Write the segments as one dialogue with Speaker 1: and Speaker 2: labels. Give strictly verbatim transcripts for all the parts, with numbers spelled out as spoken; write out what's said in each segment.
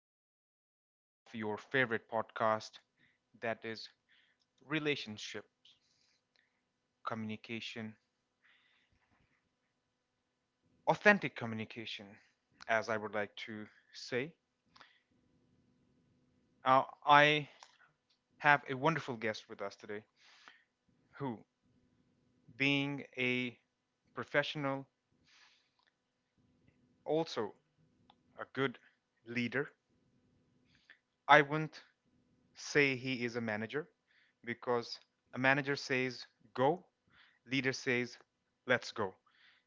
Speaker 1: another episode of your favorite podcast that is relationship communication, authentic communication, as I would like to say. Uh, I have a wonderful guest with us today who, being a professional, also a good leader. I wouldn't say he is a manager, because a manager says go, leader says, let's go.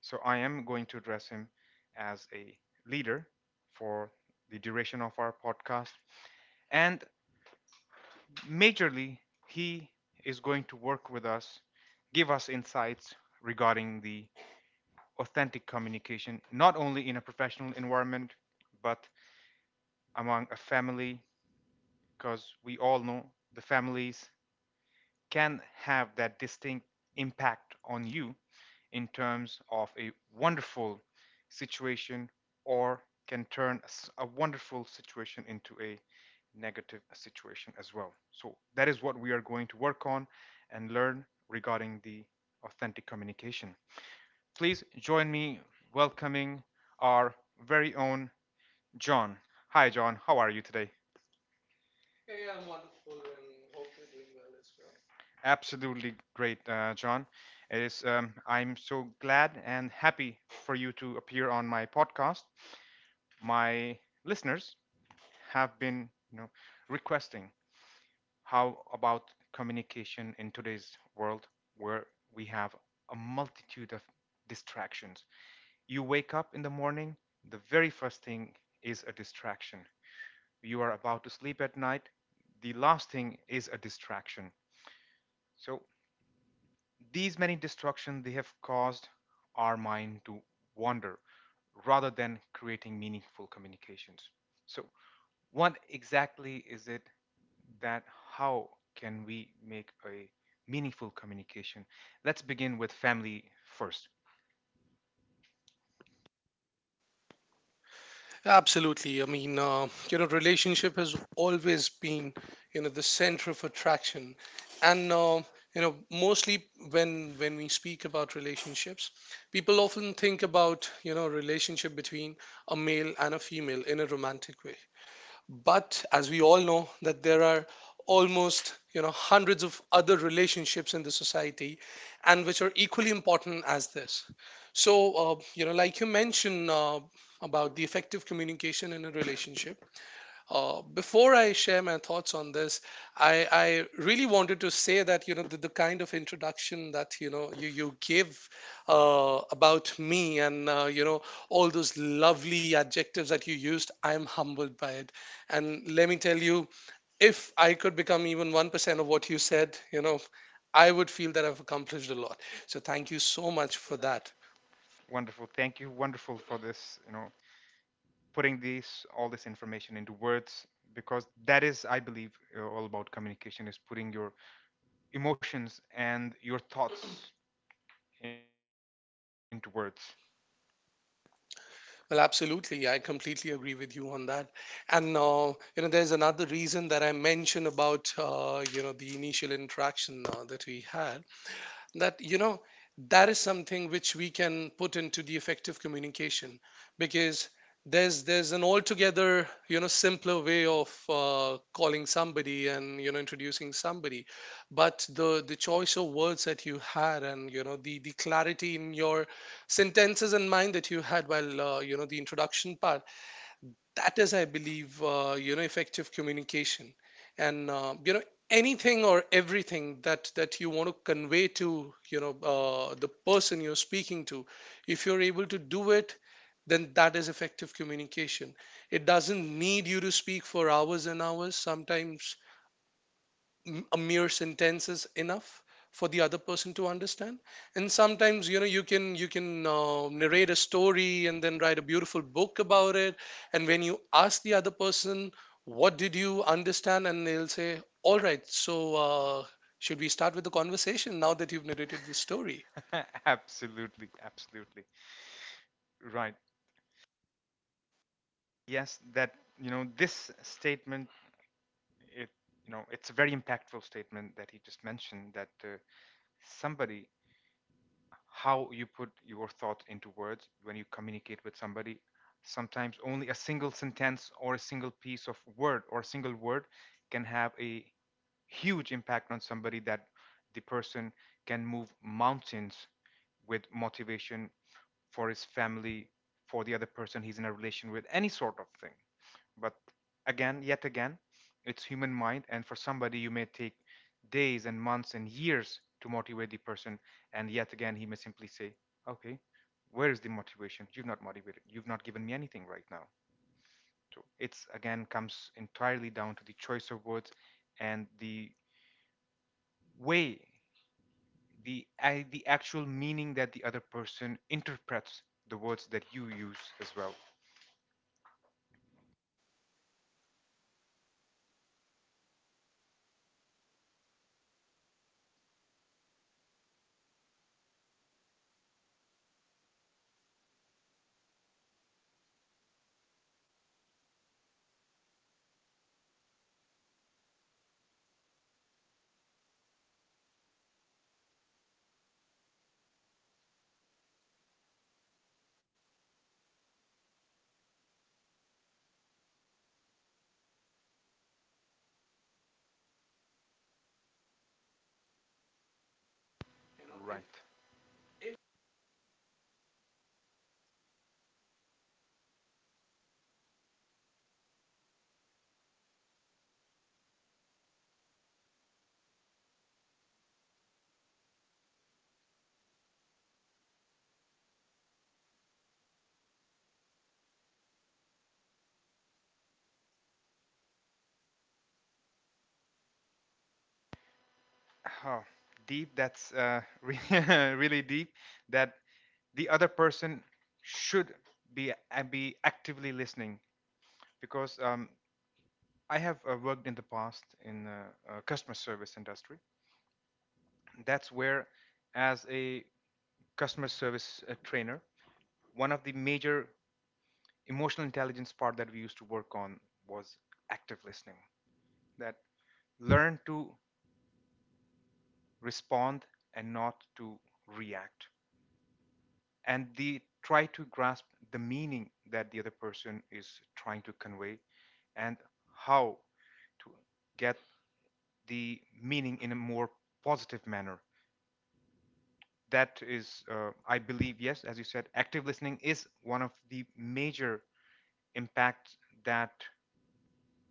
Speaker 1: So I am going to address him as a leader for the duration of our podcast. And majorly, he is going to work with us, give us insights regarding the authentic communication, not only in a professional environment, but among a family, because we all know the families can have that distinct impact on you in terms of a wonderful situation, or can turn a wonderful situation into a negative situation as well. So that is what we are going to work on and learn regarding the authentic communication. Please join me welcoming our very own John. Hi, John. How are you today? Absolutely great, uh, John. It is. Um, I'm so glad and happy for you to appear on my podcast. My listeners have been, you know requesting, how about communication in today's world, where we have a multitude of distractions. You wake up in the morning, the very first thing is a distraction. You are about to sleep at night, the last thing is a distraction. So these many distractions, they have caused our mind to wander rather than creating meaningful communications. So what exactly is it, that how can we make a meaningful communication? Let's begin with family first.
Speaker 2: Absolutely. I mean, uh, you know, relationship has always been, you know, the center of attraction, and uh, you know, mostly when when we speak about relationships, people often think about you know relationship between a male and a female in a romantic way. But as we all know that there are almost you know hundreds of other relationships in the society, and which are equally important as this. So uh, you know like you mentioned, uh, about the effective communication in a relationship. Uh, before I share my thoughts on this, I, I really wanted to say that you know the, the kind of introduction that you know you you give uh, about me, and uh, you know all those lovely adjectives that you used. I'm humbled by it. And let me tell you, if I could become even one percent of what you said, you know, I would feel that I've accomplished a lot. So thank you so much for that.
Speaker 1: Wonderful, thank you, wonderful for this, you know putting this all this information into words, because that is, I believe, uh, all about communication is putting your emotions and your thoughts into words.
Speaker 2: Well, absolutely. I completely agree with you on that. And uh, you know, there's another reason that I mentioned about uh, you know the initial interaction uh, that we had, that you know that is something which we can put into the effective communication. Because there's there's an altogether you know simpler way of uh, calling somebody and you know introducing somebody, but the the choice of words that you had, and you know the the clarity in your sentences and mind that you had while uh, you know the introduction part, that is, I believe, uh, you know effective communication. And uh, you know anything or everything that that you want to convey to you know uh, the person you're speaking to, if you're able to do it, then that is effective communication. It doesn't need you to speak for hours and hours. Sometimes m- a mere sentence is enough for the other person to understand. And sometimes you know you can you can uh, narrate a story and then write a beautiful book about it. And when you ask the other person what did you understand, and they'll say, all right. So uh, should we start with the conversation now that you've narrated the story?
Speaker 1: Absolutely, absolutely, right. Yes, that, you know this statement, it you know it's a very impactful statement that he just mentioned, that uh, somebody, how you put your thought into words when you communicate with somebody. Sometimes only a single sentence or a single piece of word or a single word can have a huge impact on somebody, that the person can move mountains with motivation for his family, for the other person he's in a relation with, any sort of thing. But again, yet again, it's human mind, and for somebody, you may take days and months and years to motivate the person, and yet again, he may simply say, "Okay, where is the motivation? You've not motivated. You've not given me anything right now." So it's again comes entirely down to the choice of words and the way, the I the actual meaning that the other person interprets, the words that you use as well. Oh, deep. That's uh, re- really deep. That the other person should be uh, be actively listening, because um, I have uh, worked in the past in uh, uh, customer service industry. That's where, as a customer service uh, trainer, one of the major emotional intelligence part that we used to work on was active listening. That learn to respond and not to react, and they try to grasp the meaning that the other person is trying to convey, and how to get the meaning in a more positive manner. That is, uh, I believe, yes, as you said, active listening is one of the major impacts that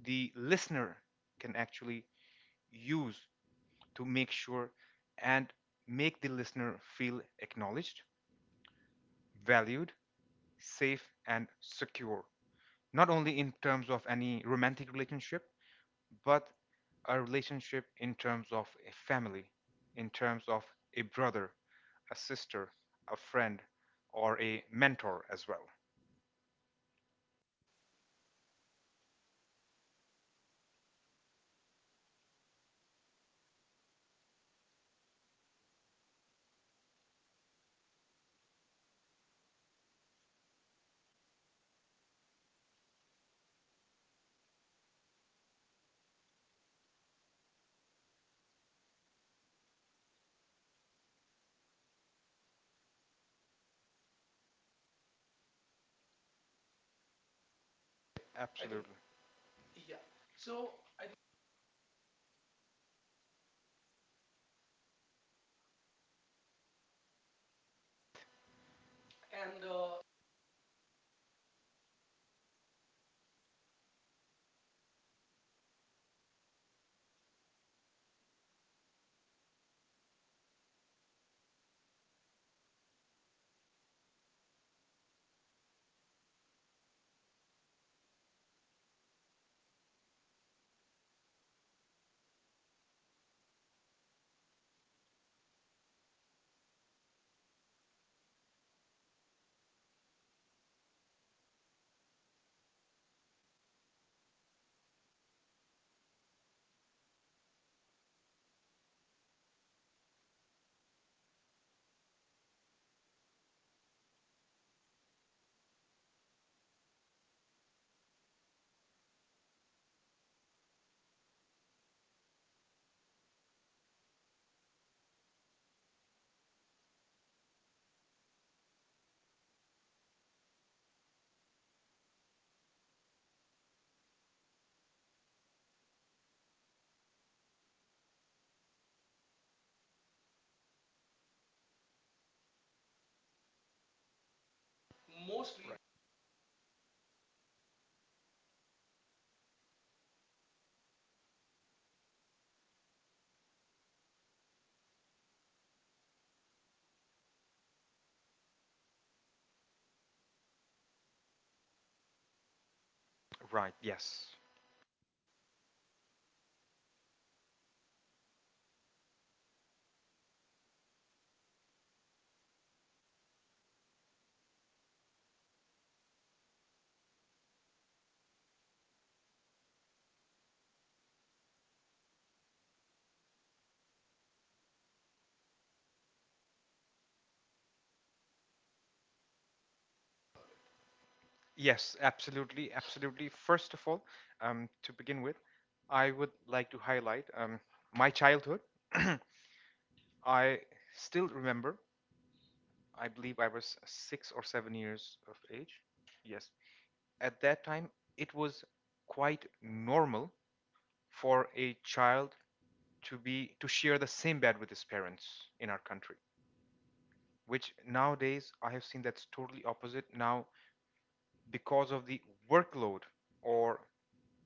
Speaker 1: the listener can actually use to make sure and make the listener feel acknowledged, valued, safe and secure, not only in terms of any romantic relationship, but a relationship in terms of a family, in terms of a brother, a sister, a friend, or a mentor as well. Absolutely. Right, yes. Yes, absolutely, absolutely. First of all, um, to begin with, I would like to highlight um, my childhood. I still remember, I believe I was six or seven years of age. Yes, at that time it was quite normal for a child to be to share the same bed with his parents in our country, which nowadays I have seen, that's totally opposite now, because of the workload, or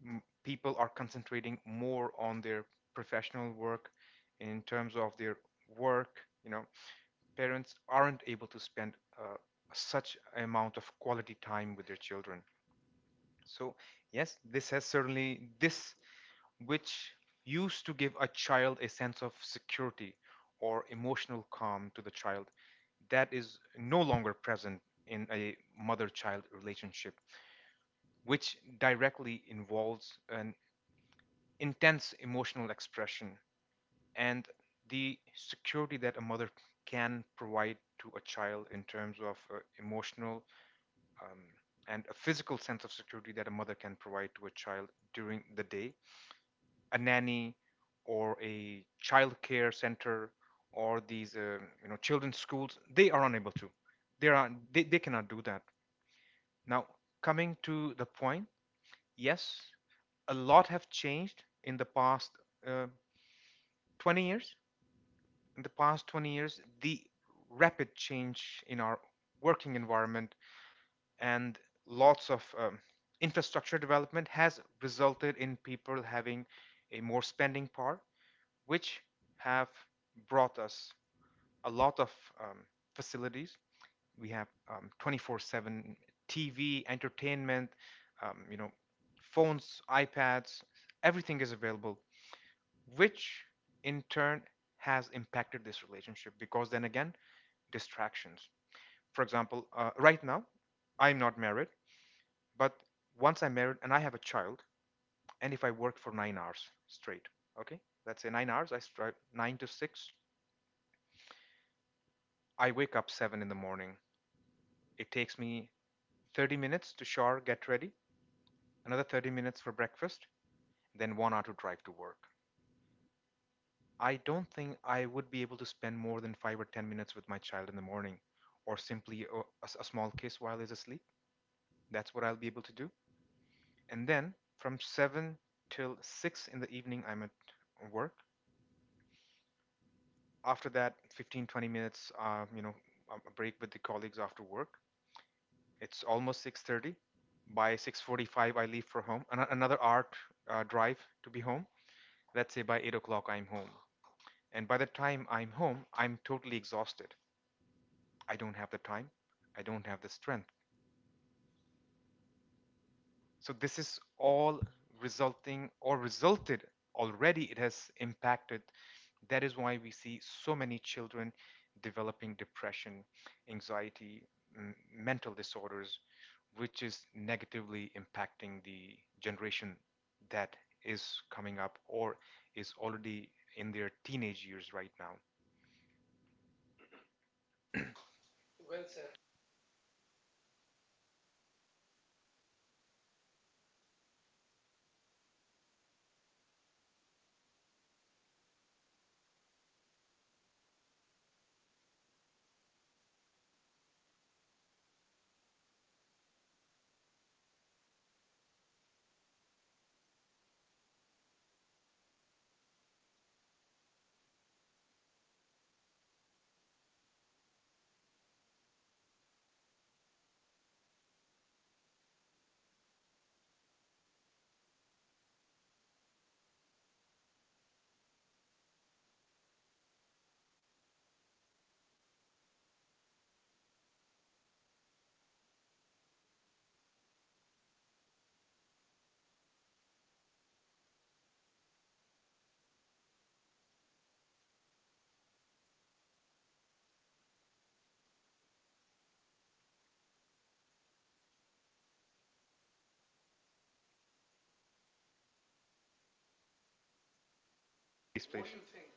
Speaker 1: m- people are concentrating more on their professional work in terms of their work you know Parents aren't able to spend uh, such amount of quality time with their children. So yes, this has certainly, this which used to give a child a sense of security or emotional calm to the child, that is no longer present in a mother child relationship, which directly involves an intense emotional expression and the security that a mother can provide to a child in terms of uh, emotional, um, and a physical sense of security that a mother can provide to a child during the day. A nanny or a child care center, or these uh, you know children's schools, they are unable to, they are they, they cannot do that. Now, coming to the point, yes, a lot have changed in the past uh, twenty years. In the past twenty years, the rapid change in our working environment, and lots of um, infrastructure development has resulted in people having a more spending power, which have brought us a lot of um, facilities. We have um, twenty-four seven T V, entertainment, um, you know, phones, iPads, everything is available, which in turn has impacted this relationship, because then again, distractions. For example, uh, right now, I'm not married, but once I'm married and I have a child, and if I work for nine hours straight, okay, let's say nine hours, I start nine to six, I wake up seven in the morning. It takes me thirty minutes to shower, get ready, another thirty minutes for breakfast, then one hour to drive to work. I don't think I would be able to spend more than five or ten minutes with my child in the morning, or simply a a small kiss while he's asleep. That's what I'll be able to do. And then from seven till six in the evening, I'm at work. After that, fifteen twenty minutes, uh, you know, a break with the colleagues after work. It's almost six thirty. By six forty-five, I leave for home. An- another hour uh, drive to be home. Let's say by eight o'clock, I'm home. And by the time I'm home, I'm totally exhausted. I don't have the time. I don't have the strength. So this is all resulting, or resulted, already it has impacted. That is why we see so many children developing depression, anxiety, mental disorders, which is negatively impacting the generation that is coming up or is already in their teenage years right now. Please, please, what do you think?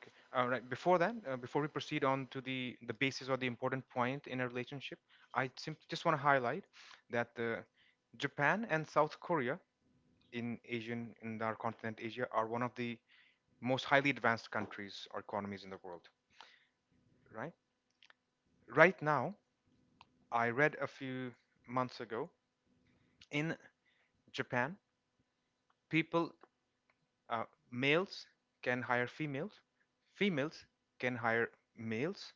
Speaker 1: Okay. All right. Before that, uh, before we proceed on to the the basis or the important point in a relationship, I simply just want to highlight that uh, Japan and South Korea, in Asian in our continent Asia, are one of the most highly advanced countries or economies in the world. Right. Right now, I read a few months ago in Japan, people, uh, males can hire females, females can hire males,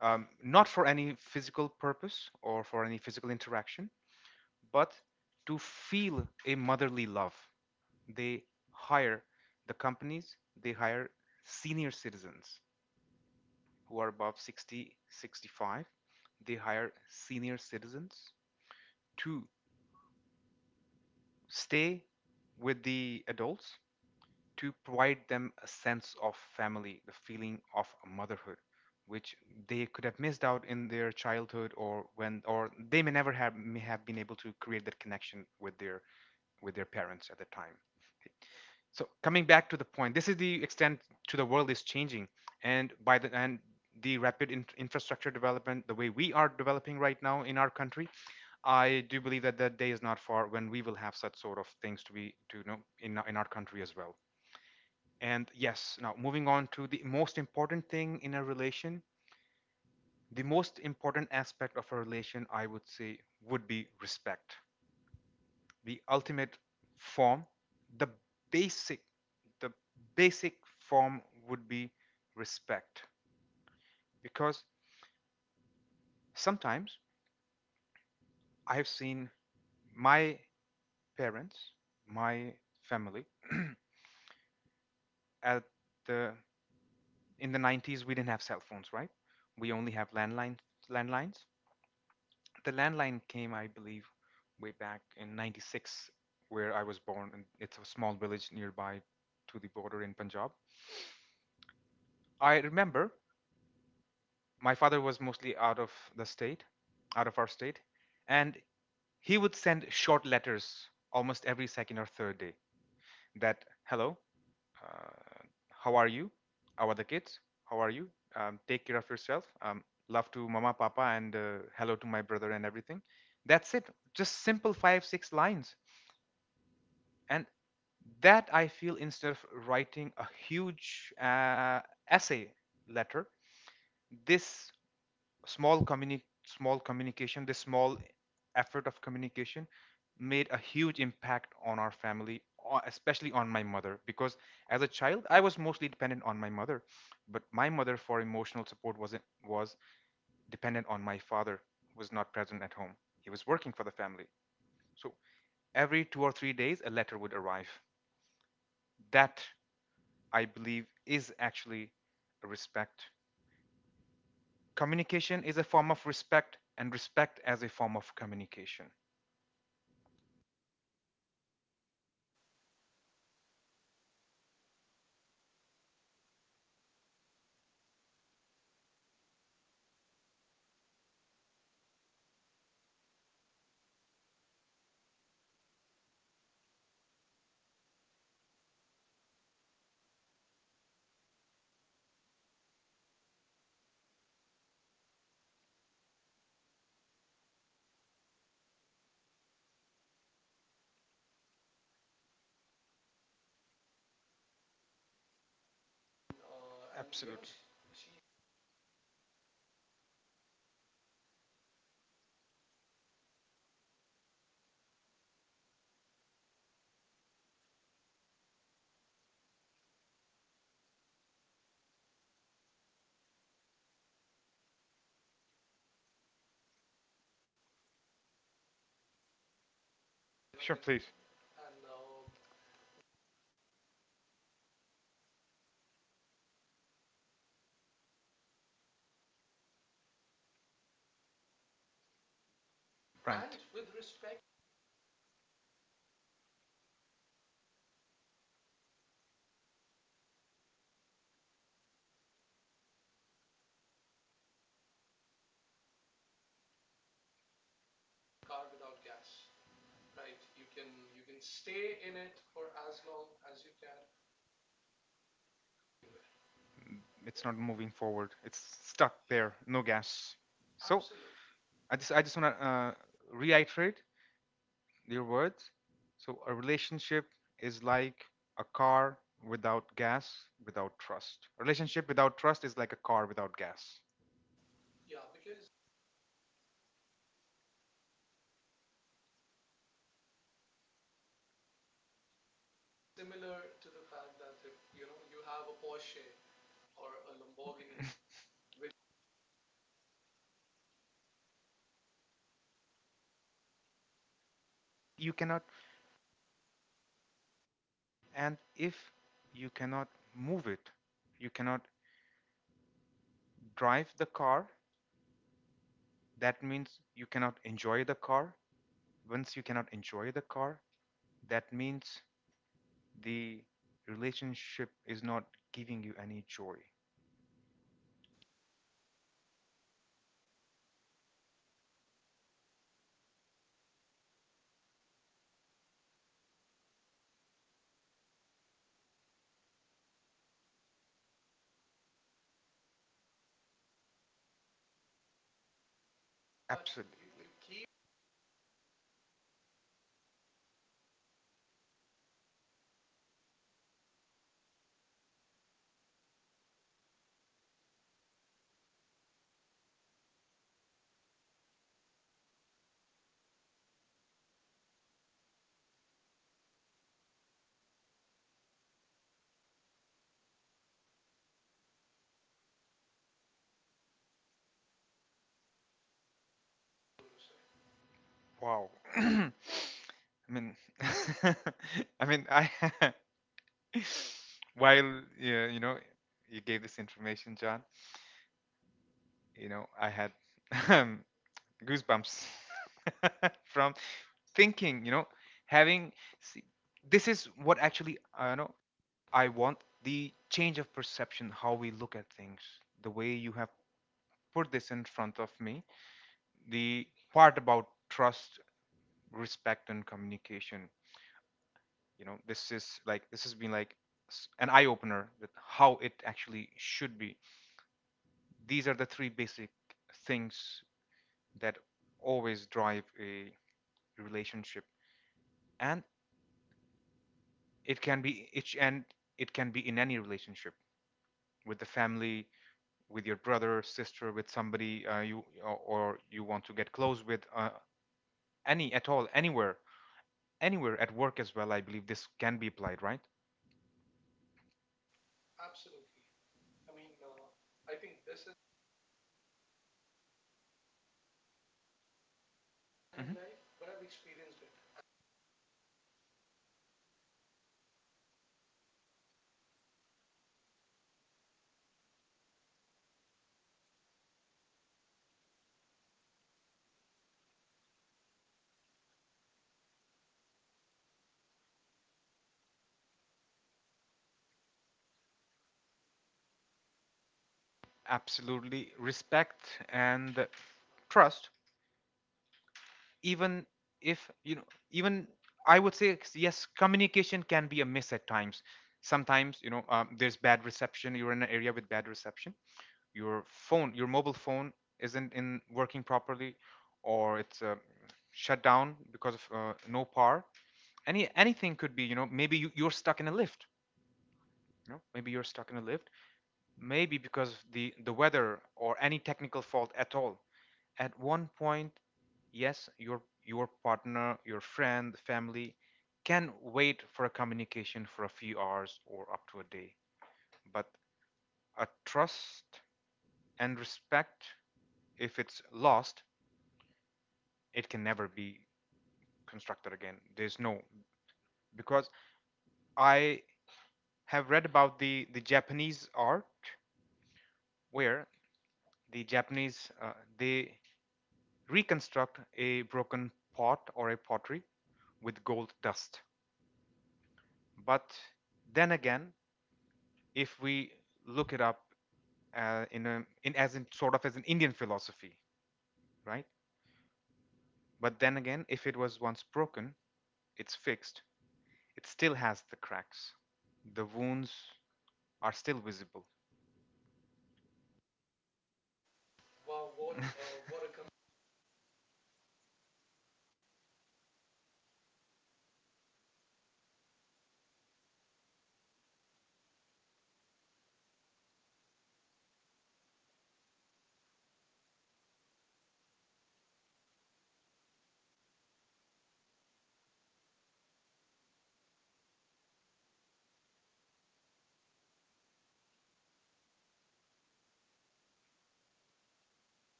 Speaker 1: um, not for any physical purpose or for any physical interaction, but to feel a motherly love. They hire, the companies, they hire senior citizens who are above sixty, sixty-five. They hire senior citizens to stay with the adults to provide them a sense of family, the feeling of motherhood, which they could have missed out in their childhood, or when, or they may never have, may have been able to create that connection with their with their parents at the time. So coming back to the point, this is the extent to the world is changing, and by the and the rapid in- infrastructure development, the way we are developing right now in our country, I do believe that that day is not far when we will have such sort of things to be to you know in our- in our country as well. And yes, now moving on to the most important thing in a relation, the most important aspect of a relation, I would say, would be respect. The ultimate form, the basic, the basic form would be respect. Because sometimes I have seen my parents, my family, at the in the nineties we didn't have cell phones, right? We only have landline landlines. The landline came, I believe, way back in ninety-six, where I was born. And it's a small village nearby to the border in Punjab. I remember my father was mostly out of the state, out of our state, and he would send short letters almost every second or third day that, hello, uh, how are you? How are the kids? How are you? Um, take care of yourself. Um, love to mama, papa, and uh, hello to my brother and everything. That's it. Just simple five, six lines. And that, I feel, instead of writing a huge uh, essay letter, this small communi- small communication this small effort of communication made a huge impact on our family, especially on my mother, because as a child I was mostly dependent on my mother. But my mother, for emotional support, was was dependent on my father, who was not present at home. He was working for the family. So every two or three days, a letter would arrive that, I believe, is actually respect. Communication is a form of respect, and respect as a form of communication. Uh, Sure, please. Right. And with respect, it's not moving forward. It's stuck there. No gas. So absolutely. I just I just want to uh, reiterate your words. So a relationship is like a car without gas, without trust. A relationship without trust is like a car without gas. You cannot And if you cannot move it, you cannot drive the car, that means you cannot enjoy the car. Once you cannot enjoy the car, that means the relationship is not giving you any joy. Absolutely. Wow. I mean, I mean, I while yeah, you know you gave this information, John. you know I had goosebumps from thinking, you know having, see, this is what actually I know, I want the change of perception, how we look at things, the way you have put this in front of me, the part about trust, respect and communication. you know this is like this has been like s- an eye opener, that how it actually should be. These are the three basic things that always drive a relationship. And it can be each and it can be in any relationship, with the family, with your brother, sister, with somebody uh, you or or you want to get close with, uh, any at all, anywhere, anywhere at work as well. I believe this can be applied, right? Mhm. Absolutely, respect and trust. Even if you know, even I would say yes, communication can be a miss at times. Sometimes you know, um, there's bad reception. You're in an area with bad reception. Your phone your mobile phone isn't in working properly, or it's uh, shut down because of uh, no power. Any anything could be, you know maybe you, you're stuck in a lift, you know maybe you're stuck in a lift maybe because of the the weather or any technical fault at all. At one point, yes, your your partner, your friend, family can wait for a communication for a few hours or up to a day. But a trust and respect, if it's lost, it can never be constructed again. There's no, because I have read about the the Japanese art, where the Japanese uh, they reconstruct a broken pot or a pottery with gold dust. But then again, if we look it up uh, in a, in, as in sort of, as an Indian philosophy, right? But then again, if it was once broken, it's fixed. It still has the cracks. The wounds are still visible.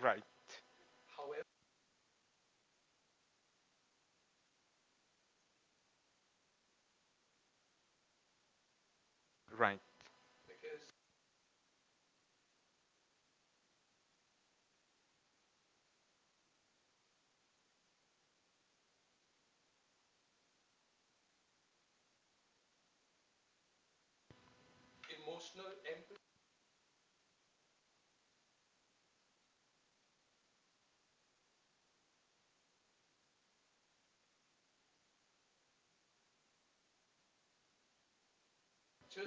Speaker 1: Right, right,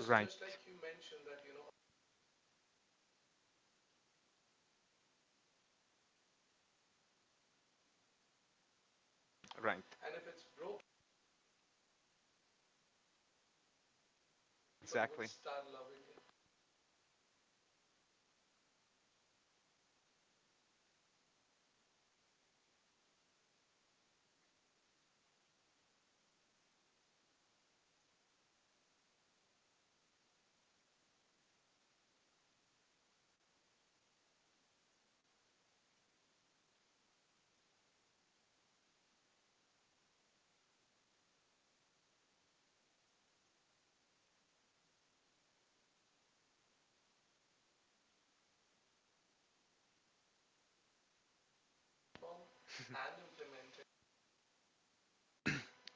Speaker 1: right. People right. Would. Exactly. Would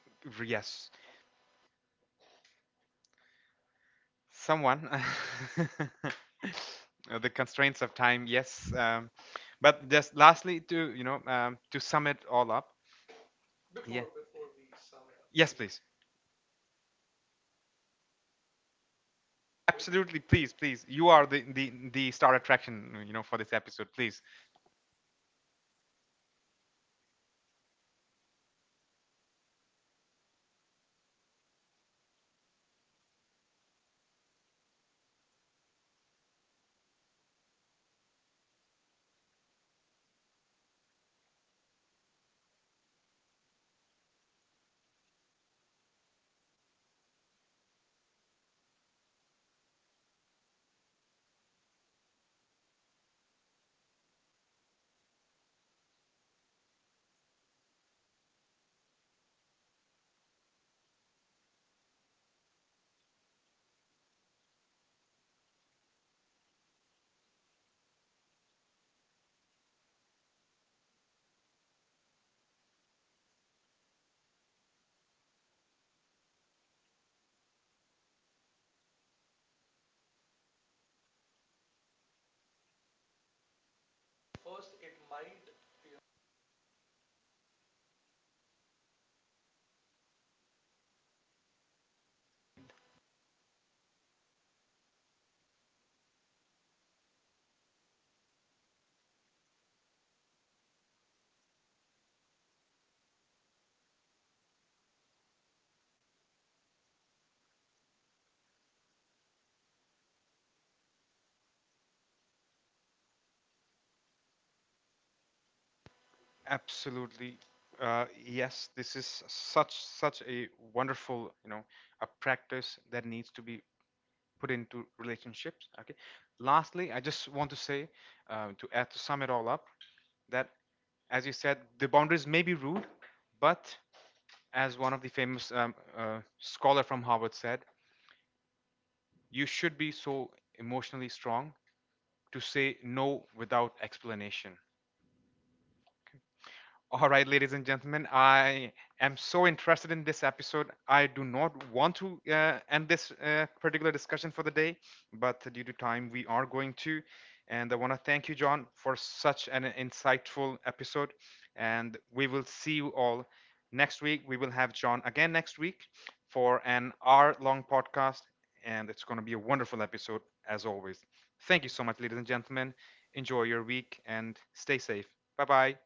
Speaker 1: it. Yes. Someone. Uh, the constraints of time, yes. Um, but just lastly, to you know, um, to sum it all up. Yeah. Before, yes, please. Please. Absolutely, please, please. You are the the, the star attraction, you know, for this episode. Please. Absolutely. Uh, yes, this is such such a wonderful, you know, a practice that needs to be put into relationships. Okay. Lastly, I just want to say, uh, to add to sum it all up, that as you said, the boundaries may be rude, but as one of the famous um, uh, scholar from Harvard said, you should be so emotionally strong to say no without explanation. All right, ladies and gentlemen, I am so interested in this episode. I do not want to uh, end this uh, particular discussion for the day, but due to time, we are going to. And I want to thank you, John, for such an insightful episode. And we will see you all next week. We will have John again next week for an hour long podcast. And it's going to be a wonderful episode, as always. Thank you so much, ladies and gentlemen. Enjoy your week and stay safe. Bye bye.